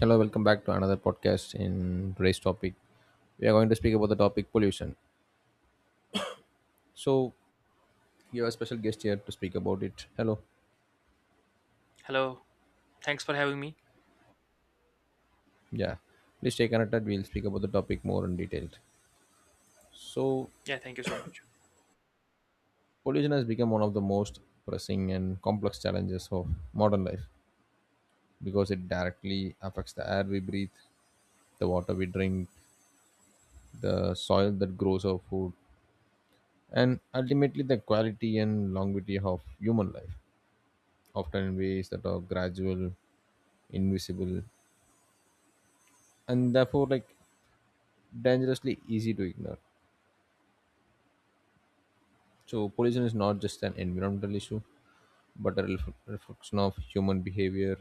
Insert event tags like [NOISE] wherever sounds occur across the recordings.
Hello, welcome back to another podcast. In today's topic, we are going to speak about the topic pollution. So, you have a special guest here to speak about it. Hello. Hello. Thanks for having me. Yeah. Please stay connected. We'll speak about the topic more in detail. So, Yeah, thank you so much. pollution has become one of the most pressing and complex challenges of modern life because it directly affects the air we breathe, the water we drink, the soil that grows our food, and ultimately the quality and longevity of human life, often in ways that are gradual, invisible, and therefore like dangerously easy to ignore. So pollution is not just an environmental issue, but a reflection of human behavior,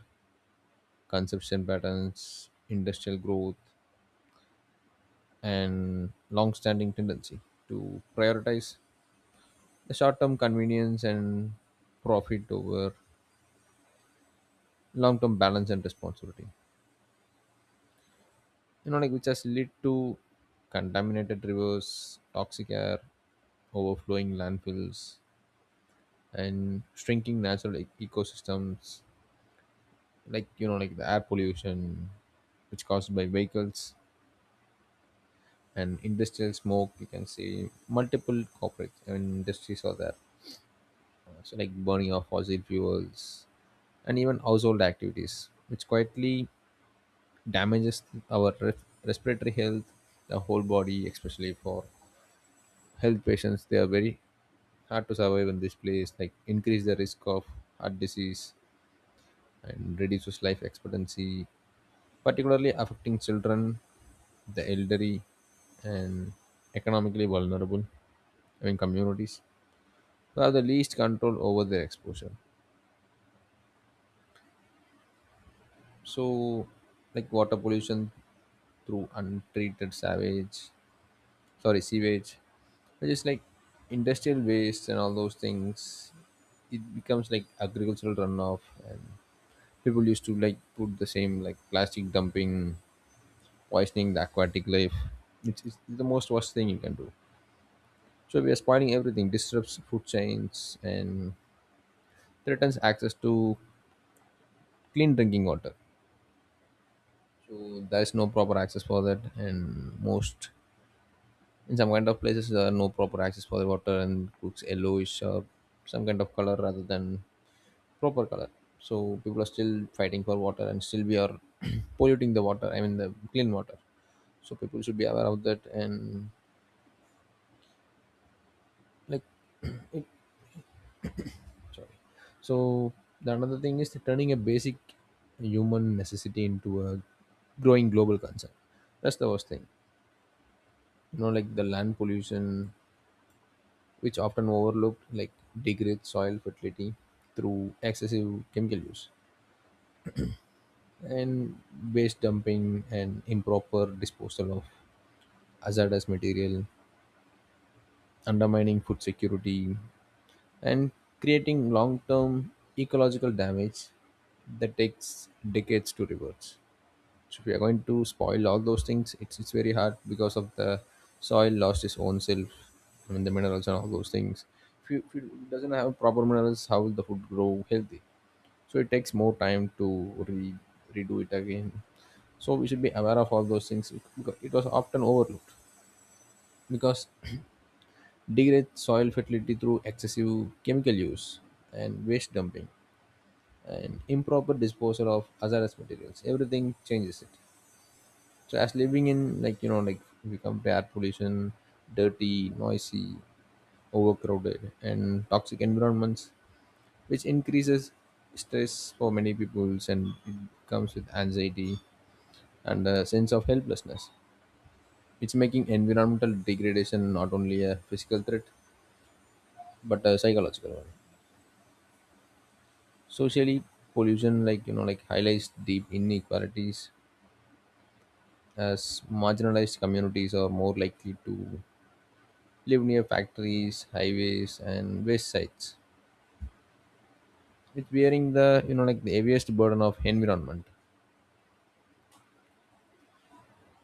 consumption patterns, industrial growth, and long-standing tendency to prioritize the short-term convenience and profit over long-term balance and responsibility. You know like which has led to contaminated rivers, toxic air, overflowing landfills, and shrinking natural ecosystems, like you know like the air pollution which caused by vehicles and industrial smoke. You can see multiple corporate and industries are there. So like burning of fossil fuels and even household activities which quietly damages our respiratory health, the whole body. Especially for health patients, they are very hard to survive in this place, like increase the risk of heart disease and reduces life expectancy, particularly affecting children, the elderly, and economically vulnerable, I mean communities who have the least control over their exposure. So like water pollution through untreated savage, sorry, sewage, which is like industrial waste and all those things. It becomes like agricultural runoff, and people used to like put the same like plastic dumping poisoning the aquatic life. It's the most worst thing you can do. So we are spoiling everything, disrupts food chains and threatens access to clean drinking water. So there is no proper access for that, and most, in some kind of places, there are no proper access for the water, and it looks yellowish or some kind of color rather than proper color. So people are still fighting for water, and still we are [CLEARS THROAT] polluting the water. I mean the clean water. So people should be aware of that, and like it. Sorry. So the another thing is turning a basic human necessity into a growing global concern. That's the worst thing. You know, like the land pollution, which often overlooked, like degrades soil fertility through excessive chemical use and waste dumping and improper disposal of hazardous material, undermining food security and creating long-term ecological damage that takes decades to reverse. So if we are going to spoil all those things, it's very hard because of the soil lost its own self. I mean the minerals and all those things. If you doesn't have proper minerals, how will the food grow healthy? So it takes more time to re- redo it again. So we should be aware of all those things because it was often overlooked, because [CLEARS THROAT] degrade soil fertility through excessive chemical use and waste dumping and improper disposal of hazardous materials, everything changes it. So as living in like you know like if you compare air pollution, dirty, noisy, overcrowded, and toxic environments, which increases stress for many peoples, and it comes with anxiety and a sense of helplessness. It's making environmental degradation not only a physical threat but a psychological one. Socially, pollution like you know like highlights deep inequalities as marginalized communities are more likely to live near factories, highways, and waste sites. It's bearing the you know like the heaviest burden of environment.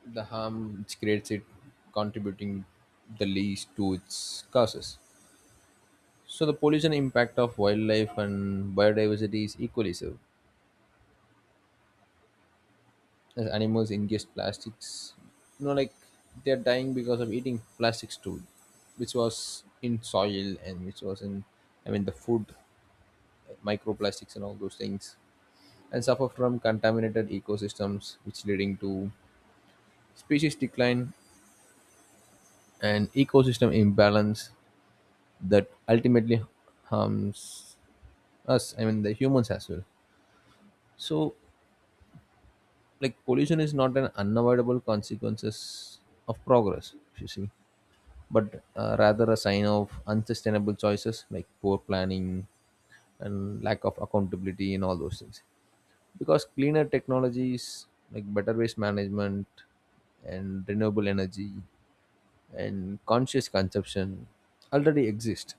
The harm which creates it, contributing the least to its causes. So the pollution impact of wildlife and biodiversity is equally so. As animals ingest plastics, you know, like they're dying because of eating plastics too, which was in soil and which was in, I mean, the food, microplastics and all those things, and suffer from contaminated ecosystems, which leading to species decline and ecosystem imbalance that ultimately harms us. I mean, the humans as well. So like pollution is not an unavoidable consequences of progress if you see, but rather a sign of unsustainable choices like poor planning and lack of accountability and all those things, because cleaner technologies like better waste management and renewable energy and conscious consumption already exist.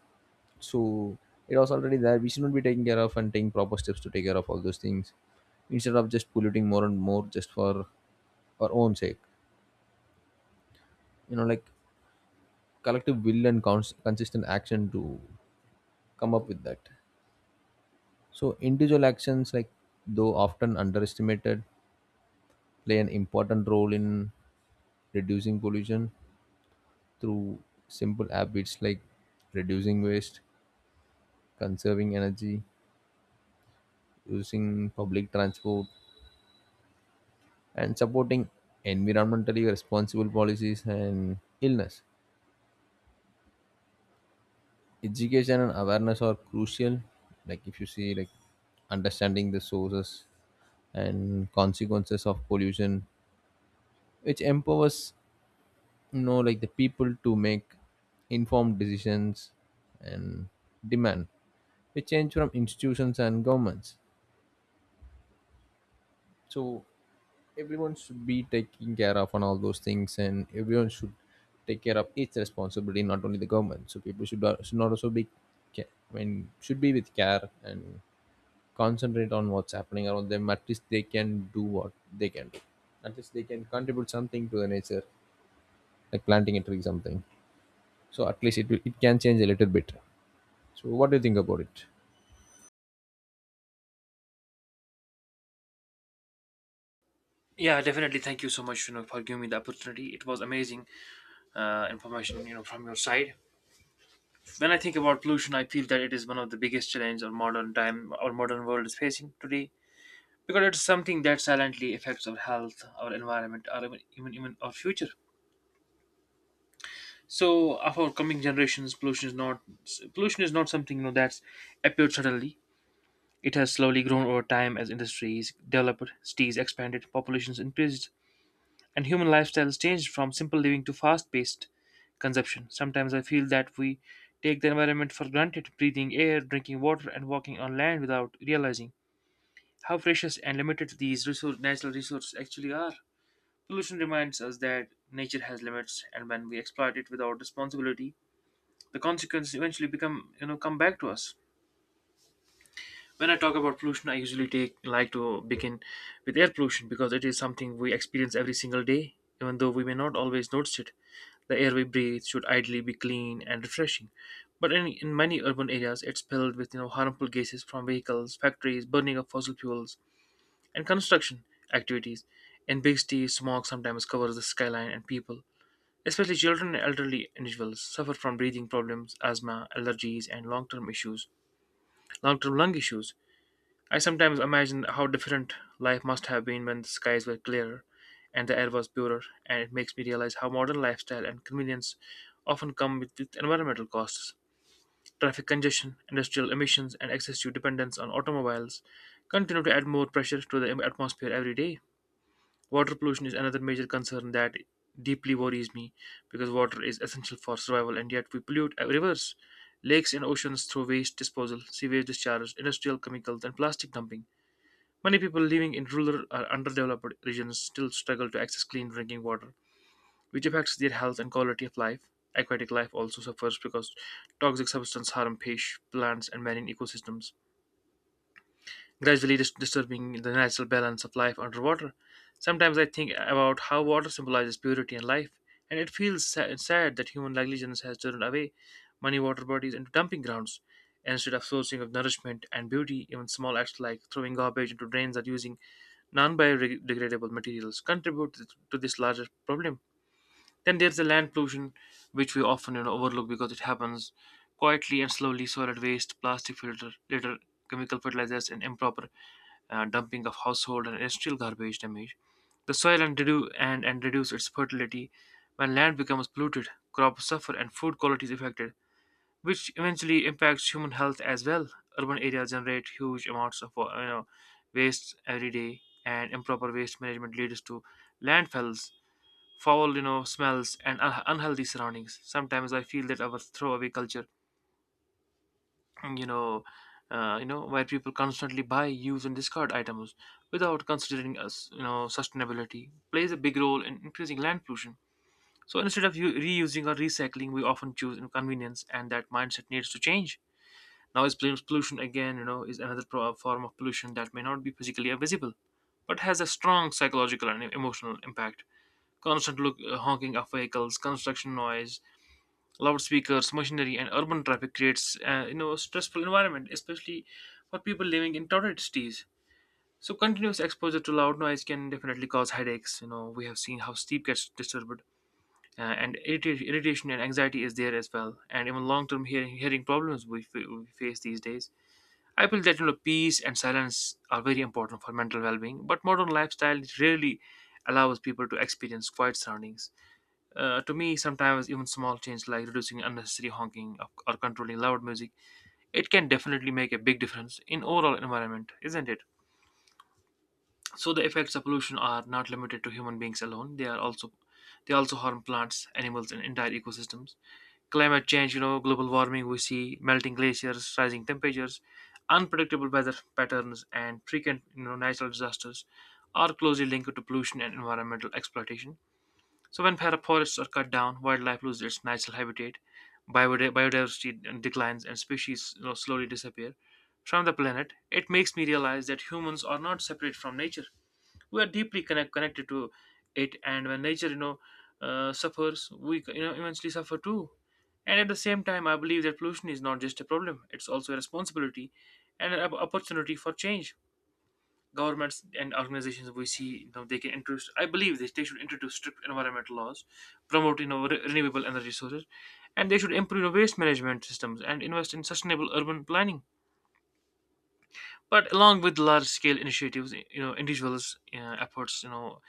So it was already there. We should not be taking care of and taking proper steps to take care of all those things instead of just polluting more and more just for our own sake. You know like collective will and consistent action to come up with that. So individual actions, like though often underestimated, play an important role in reducing pollution through simple habits like reducing waste, conserving energy, using public transport, and supporting environmentally responsible policies and illness. Education and awareness are crucial. Like if you see like understanding the sources and consequences of pollution, which empowers you know like the people to make informed decisions and demand which change from institutions and governments. So everyone should be taking care of on all those things, and everyone should take care of its responsibility, not only the government. So people should not also be I mean should be with care and concentrate on what's happening around them. At least they can do what they can do. At least they can contribute something to the nature, like planting a tree, something. So at least it it can change a little bit. So what do you think about it? Yeah, definitely. Thank you so much, you know, for giving me the opportunity. It was amazing information, you know, from your side. When I think about pollution, I feel that it is one of the biggest challenges our modern time, our modern world is facing today, because it's something that silently affects our health, our environment, or even our future. So, of our coming generations, pollution is not something you know that's appeared suddenly. It has slowly grown over time as industries developed, cities expanded, populations increased, and human lifestyles changed from simple living to fast-paced consumption. Sometimes I feel that we take the environment for granted, breathing air, drinking water, and walking on land without realizing how precious and limited these resource, natural resources actually are. Pollution reminds us that nature has limits, and when we exploit it without responsibility, the consequences eventually become, you know, come back to us. When I talk about pollution, I usually take like to begin with air pollution because it is something we experience every single day, even though we may not always notice it. The air we breathe should ideally be clean and refreshing, but in many urban areas, it's filled with you know harmful gases from vehicles, factories, burning of fossil fuels, and construction activities. In big cities, smog sometimes covers the skyline, and people, especially children and elderly individuals, suffer from breathing problems, asthma, allergies, and long-term issues, long-term lung issues. I sometimes imagine how different life must have been when the skies were clearer and the air was purer, and it makes me realize how modern lifestyle and convenience often come with environmental costs. Traffic congestion, industrial emissions, and excessive dependence on automobiles continue to add more pressure to the atmosphere every day. Water pollution is another major concern that deeply worries me because water is essential for survival, and yet we pollute rivers, lakes, and oceans through waste disposal, sewage discharge, industrial chemicals, and plastic dumping. Many people living in rural or underdeveloped regions still struggle to access clean drinking water, which affects their health and quality of life. Aquatic life also suffers because toxic substances harm fish, plants, and marine ecosystems gradually disturbing the natural balance of life underwater. Sometimes I think about how water symbolizes purity and life, and it feels sad that human negligence has turned away many water bodies into dumping grounds. Instead of sourcing of nourishment and beauty, even small acts like throwing garbage into drains or using non biodegradable materials contribute to this larger problem. Then there's the land pollution, which we often overlook because it happens quietly and slowly solid waste, plastic filter, litter, chemical fertilizers, and improper dumping of household and industrial garbage damage the soil and reduce its fertility. When land becomes polluted, crops suffer and food quality is affected, which eventually impacts human health as well. Urban areas generate huge amounts of waste every day, and improper waste management leads to landfills, foul smells, and unhealthy surroundings. Sometimes I feel that our throwaway culture you know where people constantly buy use and discard items without considering us you know sustainability plays a big role in increasing land pollution. So instead of reusing or recycling, we often choose inconvenience, and that mindset needs to change. Now is pollution again, you know, is another form of pollution that may not be physically visible but has a strong psychological and emotional impact. Constant look, honking of vehicles, construction noise, loudspeakers, machinery, and urban traffic creates you know a stressful environment, especially for people living in crowded cities. So continuous exposure to loud noise can definitely cause headaches. You know, we have seen how sleep gets disturbed, and irritation and anxiety is there as well, and even long-term hearing problems we face these days. I feel that you know peace and silence are very important for mental well-being, but modern lifestyle rarely allows people to experience quiet surroundings. To me, sometimes even small change like reducing unnecessary honking or controlling loud music, it can definitely make a big difference in overall environment, isn't it? So the effects of pollution are not limited to human beings alone. They also harm plants, animals, and entire ecosystems. Climate change, you know, global warming, we see melting glaciers, rising temperatures, unpredictable weather patterns, and frequent you know natural disasters are closely linked to pollution and environmental exploitation. So when forests are cut down, wildlife loses its natural habitat, biodiversity declines, and species you know, slowly disappear from the planet. It makes me realize that humans are not separate from nature. We are deeply connected to it, and when nature, you know, suffers, we you know eventually suffer too. And at the same time, I believe that pollution is not just a problem; it's also a responsibility and an opportunity for change. Governments and organizations, we see, you know, they can introduce, I believe they should introduce strict environmental laws, promote you know, renewable energy sources, and they should improve you know, waste management systems and invest in sustainable urban planning. But along with large scale initiatives, you know, individuals efforts, you know,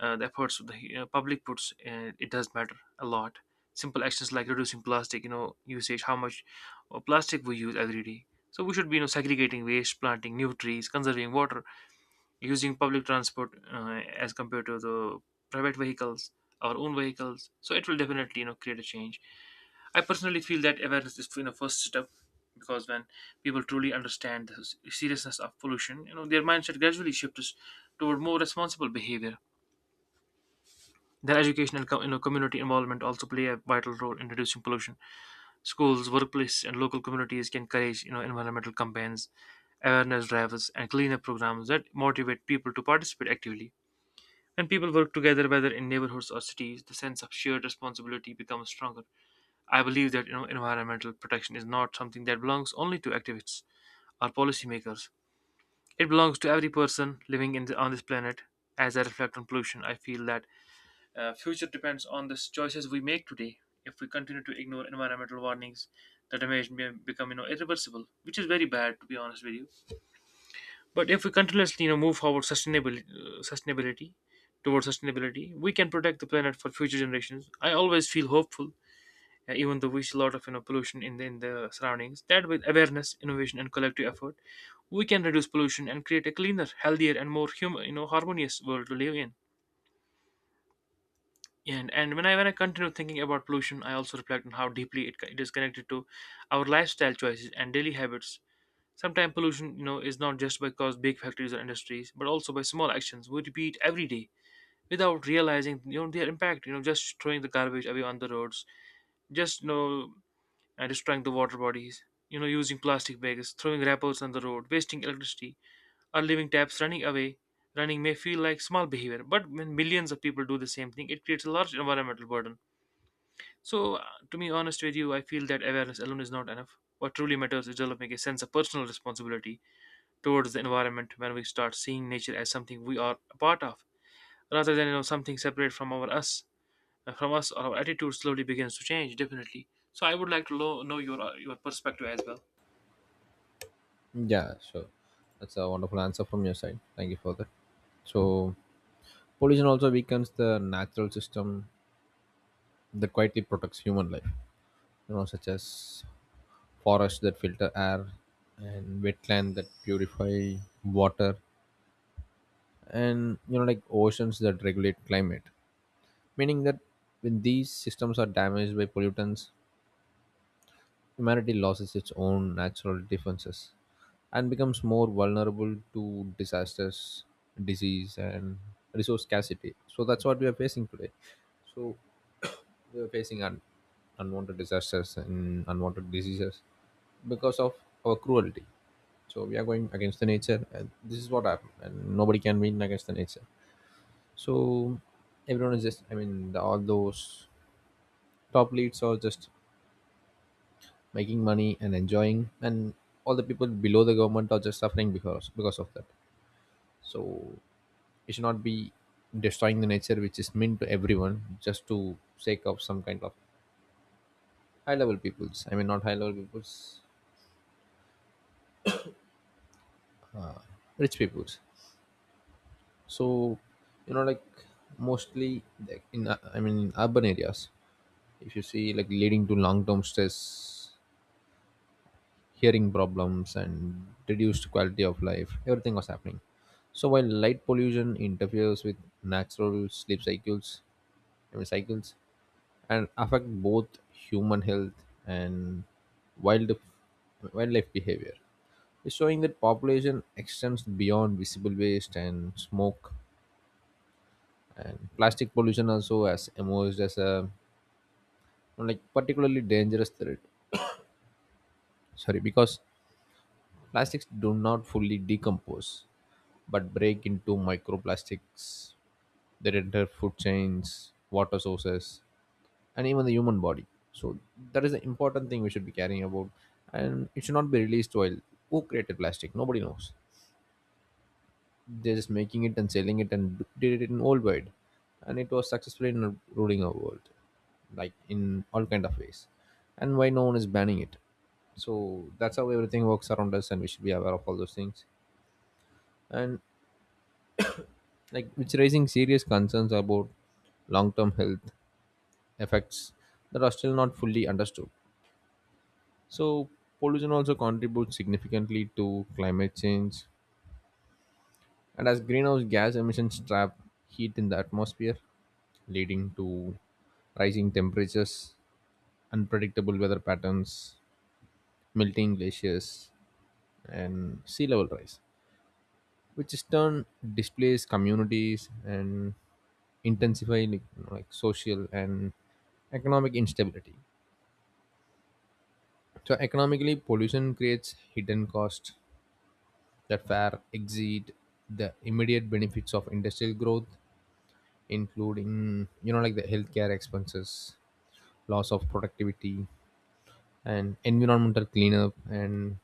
the efforts of the you know, public puts it does matter a lot. Simple actions like reducing plastic you know usage, how much plastic we use every day. So we should be you know segregating waste, planting new trees, conserving water, using public transport, as compared to the private vehicles, our own vehicles. So it will definitely you know create a change. I personally feel that awareness is you know first step, because when people truly understand the seriousness of pollution, you know their mindset gradually shifts toward more responsible behavior. Their educational you know, community involvement also play a vital role in reducing pollution. Schools, workplace, and local communities can encourage you know environmental campaigns, awareness drives, and cleanup programs that motivate people to participate actively. When people work together, whether in neighborhoods or cities, the sense of shared responsibility becomes stronger. I believe that you know, environmental protection is not something that belongs only to activists or policymakers. It belongs to every person living in on this planet. As I reflect on pollution, I feel that future depends on the choices we make today. If we continue to ignore environmental warnings, the damage may become you know, irreversible, which is very bad, to be honest with you. But if we continuously, you know, move forward sustainability, sustainability towards sustainability, we can protect the planet for future generations. I always feel hopeful, even though we see a lot of you know pollution in the surroundings. That with awareness, innovation, and collective effort, we can reduce pollution and create a cleaner, healthier, and more human, you know, harmonious world to live in. And when I continue thinking about pollution, I also reflect on how deeply it is connected to our lifestyle choices and daily habits. Sometimes pollution, you know, is not just because big factories or industries, but also by small actions we repeat every day without realizing, you know, their impact. You know, just throwing the garbage away on the roads, just you know, destroying the water bodies. You know, using plastic bags, throwing wrappers on the road, wasting electricity, or leaving taps running away. Running may feel like small behavior, but when millions of people do the same thing, it creates a large environmental burden. So, to be honest with you, I feel that awareness alone is not enough. What truly matters is developing a sense of personal responsibility towards the environment. When we start seeing nature as something we are a part of rather than you know something separate from our us, from us, our attitude slowly begins to change, definitely. So I would like to know your perspective as well. Yeah, sure. That's a wonderful answer from your side. Thank you for that. So pollution also weakens the natural system that quietly protects human life, you know, such as forests that filter air, and wetland that purify water, and you know like oceans that regulate climate, meaning that when these systems are damaged by pollutants, humanity loses its own natural defenses and becomes more vulnerable to disasters, disease, and resource scarcity. So that's what we are facing today. So [COUGHS] [CLEARS THROAT] we are facing unwanted disasters and unwanted diseases because of our cruelty. So we are going against the nature, and this is what happened. And nobody can win against the nature. So everyone is just, I mean, the, all those top leads are just making money and enjoying, and all the people below the government are just suffering because of that. So it should not be destroying the nature, which is meant to everyone, just to sake of some kind of high level peoples. I mean not high level peoples, rich peoples. So you know like mostly like in I mean in urban areas, if you see like leading to long term stress, hearing problems, and reduced quality of life, everything was happening. So while light pollution interferes with natural sleep cycles, I mean cycles, and affect both human health and wild wildlife behavior, is showing that population extends beyond visible waste and smoke. And plastic pollution also has emerged as a like particularly dangerous threat, sorry, because plastics do not fully decompose but break into microplastics that enter food chains, water sources, and even the human body. So that is the important thing we should be caring about, and it should not be released. While who created plastic? Nobody knows. They're just making it and selling it and did it in worldwide, and it was successful in ruling our world, like in all kind of ways. And why no one is banning it? So that's how everything works around us, and we should be aware of all those things. And like it's raising serious concerns about long-term health effects that are still not fully understood. So pollution also contributes significantly to climate change, and as greenhouse gas emissions trap heat in the atmosphere, leading to rising temperatures, unpredictable weather patterns, melting glaciers, and sea level rise, which is turn displays communities and intensify like, you know, like social and economic instability. So economically, pollution creates hidden costs that far exceed the immediate benefits of industrial growth, including you know like the healthcare expenses, loss of productivity, and environmental cleanup and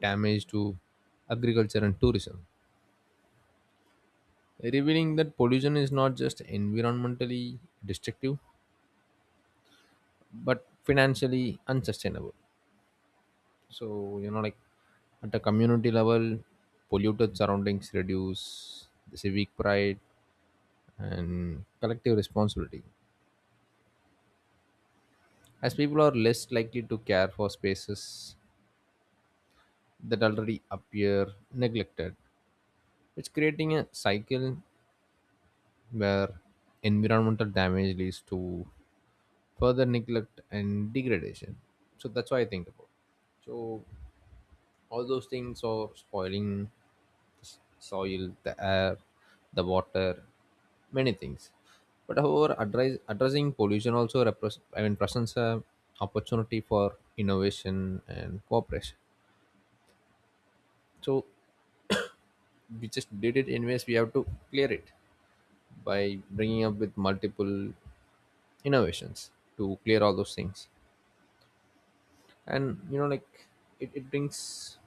damage to agriculture and tourism, revealing that pollution is not just environmentally destructive but financially unsustainable. So you know like at a community level, polluted surroundings reduce the civic pride and collective responsibility as people are less likely to care for spaces that already appear neglected. It's creating a cycle where environmental damage leads to further neglect and degradation. So that's what I think about. So all those things are spoiling the soil, the air, the water, many things. But however, addressing pollution also represents, I mean, presents a opportunity for innovation and cooperation. So we just did it anyways. We have to clear it by bringing up with multiple innovations to clear all those things. And you know like it brings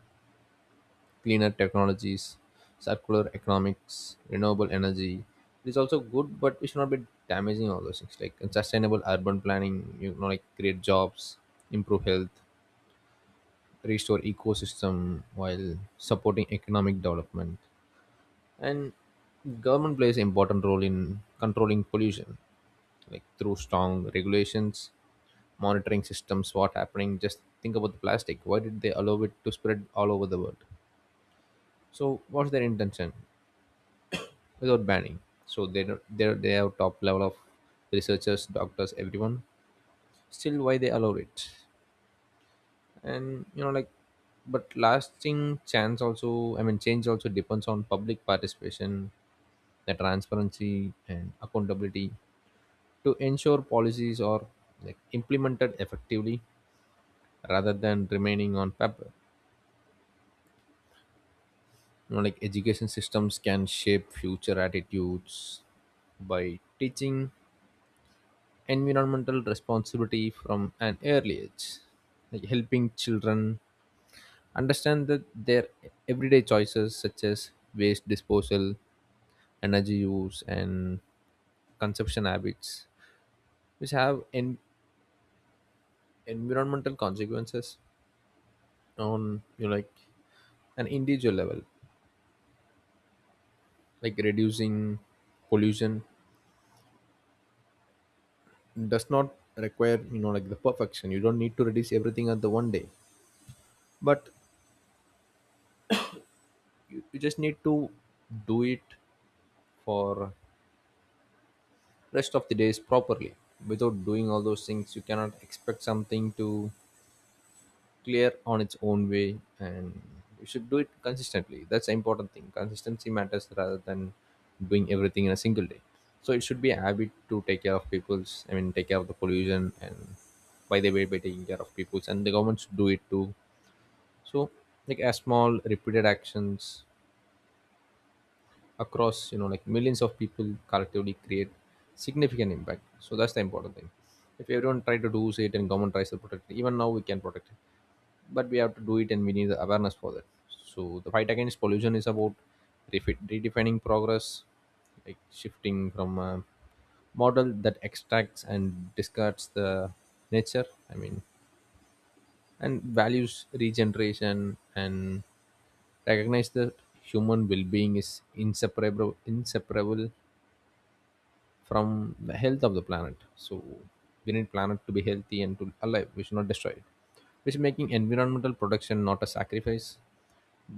cleaner technologies, circular economics, renewable energy. It is also good, but we should not be damaging all those things, like, and sustainable urban planning, you know like create jobs, improve health, restore ecosystem while supporting economic development. And government plays an important role in controlling pollution, like through strong regulations, monitoring systems. What happening? Just think about the plastic. Why did they allow it to spread all over the world? So what's their intention without banning? So they don't, they have top level of researchers, doctors, everyone. Still why they allow it? And you know like but lasting chance also, I mean change also depends on public participation, the transparency and accountability to ensure policies are like implemented effectively rather than remaining on paper. You know like education systems can shape future attitudes by teaching environmental responsibility from an early age, like helping children understand that their everyday choices such as waste disposal, energy use, and consumption habits which have environmental consequences. On you know, like an individual level, like reducing pollution does not require you know like the perfection. You don't need to release everything at the one day, but you just need to do it for rest of the days properly. Without doing all those things, you cannot expect something to clear on its own way. And you should do it consistently. That's the important thing. Consistency matters rather than doing everything in a single day. So it should be a habit to take care of people's, I mean take care of the pollution, and by the way by taking care of people's, and the government should do it too. So, like as small repeated actions across, you know, like millions of people collectively create significant impact. So that's the important thing. If everyone try to do say it and government tries to protect it, even now we can protect it. But we have to do it, and we need the awareness for that. So the fight against pollution is about redefining progress, like shifting from a model that extracts and discards the nature, I mean, and values regeneration, and recognize that human well-being is inseparable from the health of the planet. So we need planet to be healthy and to alive. We should not destroy it, which is making environmental protection not a sacrifice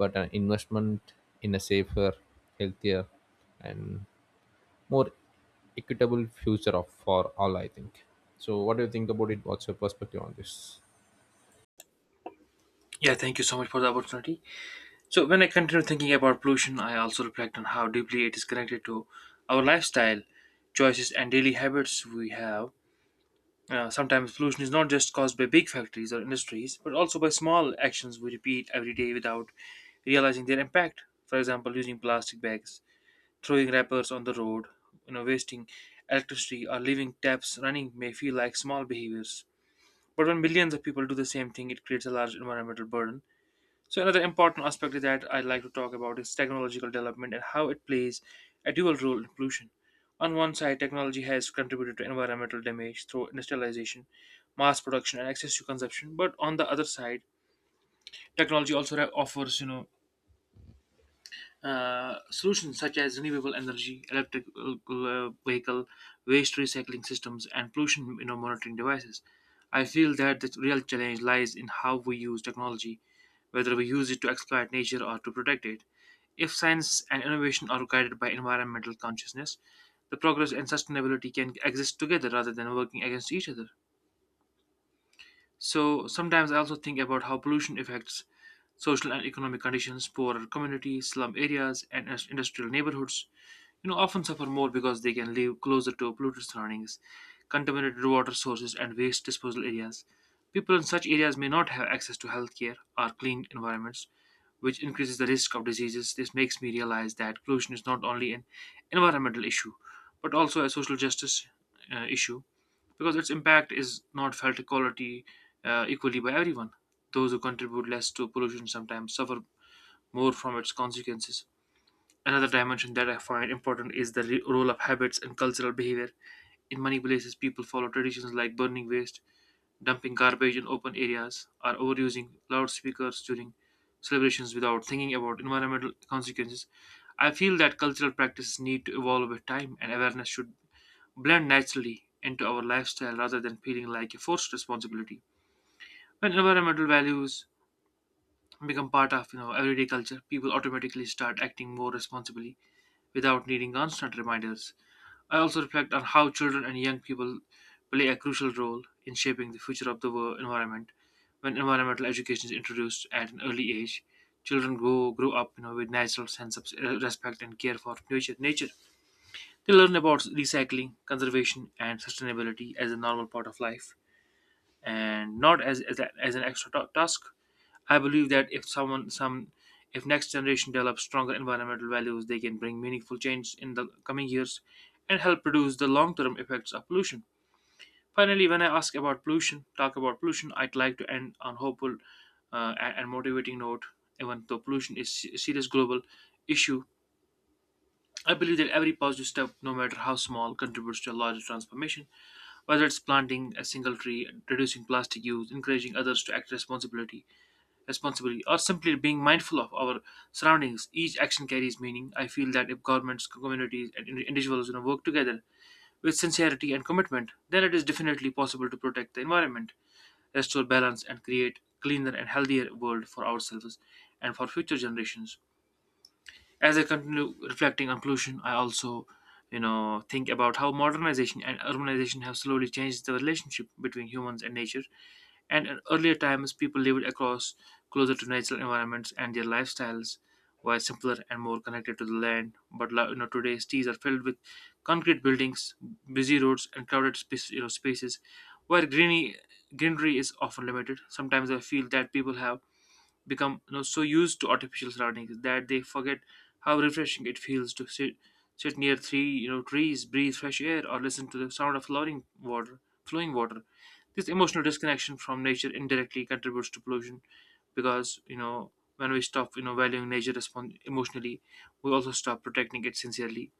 but an investment in a safer, healthier, and more equitable future of for all, I think. So what do you think about it? What's your perspective on this? Yeah, thank you so much for the opportunity. So when I continue thinking about pollution, I also reflect on how deeply it is connected to our lifestyle choices and daily habits we have. Sometimes pollution is not just caused by big factories or industries, but also by small actions we repeat every day without realizing their impact. For example, using plastic bags, throwing wrappers on the road, you know, wasting electricity, or leaving taps running may feel like small behaviors. But when millions of people do the same thing, it creates a large environmental burden. So another important aspect that I'd like to talk about is technological development and how it plays a dual role in pollution. On one side, technology has contributed to environmental damage through industrialization, mass production, and excess to consumption. But on the other side, technology also solutions such as renewable energy, electric vehicle, waste recycling systems, and pollution monitoring devices. I feel that the real challenge lies in how we use technology, whether we use it to exploit nature or to protect it. If science and innovation are guided by environmental consciousness, the progress and sustainability can exist together rather than working against each other. So sometimes I also think about how pollution affects social and economic conditions, poorer communities, slum areas, and industrial neighborhoods. You know, often suffer more because they can live closer to polluted surroundings, contaminated water sources, and waste disposal areas. People in such areas may not have access to healthcare or clean environments, which increases the risk of diseases. This makes me realize that pollution is not only an environmental issue, but also a social justice issue, because its impact is not felt equality equally by everyone. Those who contribute less to pollution sometimes suffer more from its consequences. Another dimension that I find important is the role of habits and cultural behavior. In many places, people follow traditions like burning waste, dumping garbage in open areas, or overusing loudspeakers during celebrations without thinking about environmental consequences. I feel that cultural practices need to evolve with time, and awareness should blend naturally into our lifestyle rather than feeling like a forced responsibility. When environmental values become part of everyday culture, people automatically start acting more responsibly without needing constant reminders. I also reflect on how children and young people play a crucial role in shaping the future of the world environment. When environmental education is introduced at an early age, children grow up with natural sense of respect and care for nature. Nature they learn about recycling, conservation, and sustainability as a normal part of life and not as an extra task. I believe that if someone some if next generation develops stronger environmental values, they can bring meaningful change in the coming years and help reduce the long-term effects of pollution. Finally, when I ask about pollution, talk about pollution, I'd like to end on hopeful and motivating note. Even though pollution is a serious global issue, I believe that every positive step, no matter how small, contributes to a larger transformation. Whether it's planting a single tree, reducing plastic use, encouraging others to act responsibly, or simply being mindful of our surroundings, each action carries meaning. I feel that if governments, communities, and individuals work together with sincerity and commitment, then it is definitely possible to protect the environment, restore balance, and create cleaner and healthier world for ourselves and for future generations. As I continue reflecting on pollution, I also, think about how modernization and urbanization have slowly changed the relationship between humans and nature. And in earlier times, people lived across closer to natural environments, and their lifestyles were simpler and more connected to the land. But today cities are filled with concrete buildings, busy roads, and crowded spaces where greeny greenery is often limited. Sometimes I feel that people have become so used to artificial surroundings that they forget how refreshing it feels to sit near three trees, breathe fresh air, or listen to the sound of flowing water. Flowing water. This emotional disconnection from nature indirectly contributes to pollution, because when we stop valuing nature emotionally, we also stop protecting it sincerely.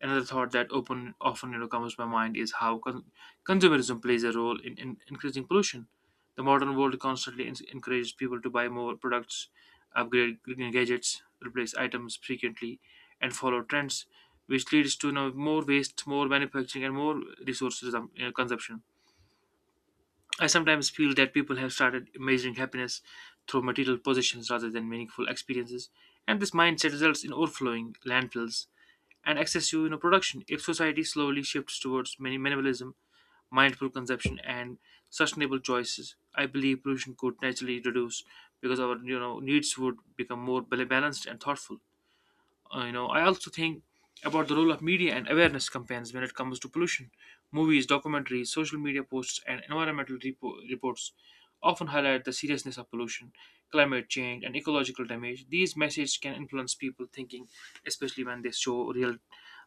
Another thought that open often comes to my mind is how consumerism plays a role in increasing pollution. The modern world constantly encourages people to buy more products, upgrade gadgets, replace items frequently, and follow trends, which leads to more waste, more manufacturing, and more resources consumption. I sometimes feel that people have started measuring happiness through material possessions rather than meaningful experiences, and this mindset results in overflowing landfills and excessive production. If society slowly shifts towards minimalism, mindful consumption, and sustainable choices, I believe pollution could naturally reduce because our needs would become more balanced and thoughtful. I also think about the role of media and awareness campaigns when it comes to pollution. Movies, documentaries, social media posts, and environmental reports often highlight the seriousness of pollution, climate change, and ecological damage. These messages can influence people thinking, especially when they show real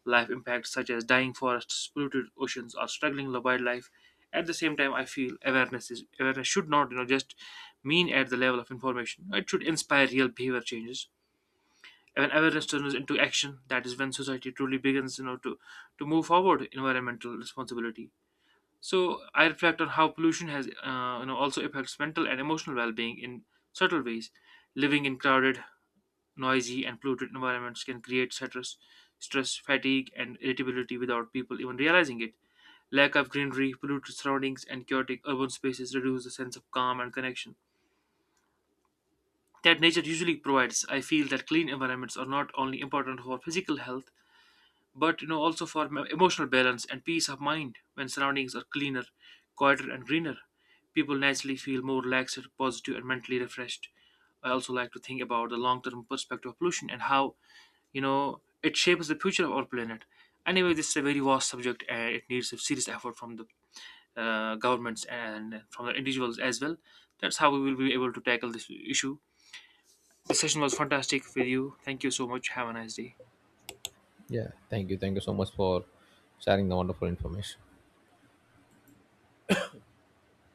life impacts such as dying forests, polluted oceans, or struggling wildlife. At the same time, I feel awareness should not, just mean at the level of information. It should inspire real behavior changes. When awareness turns into action, that is when society truly begins to move forward environmental responsibility. So I reflect on how pollution has also affects mental and emotional well-being in subtle ways. Living in crowded, noisy and polluted environments can create stress, fatigue and irritability without people even realizing it. Lack of greenery, polluted surroundings and chaotic urban spaces reduce the sense of calm and connection that nature usually provides. I feel that clean environments are not only important for physical health, but also for emotional balance and peace of mind. When surroundings are cleaner, quieter and greener, people naturally feel more relaxed, positive and mentally refreshed. I also like to think about the long-term perspective of pollution and how it shapes the future of our planet. Anyway, this is a very vast subject and it needs a serious effort from the governments and from the individuals as well. That's how we will be able to tackle this issue. The session was fantastic with you. Thank you so much. Have a nice day. Yeah, thank you. Thank you so much for sharing the wonderful information.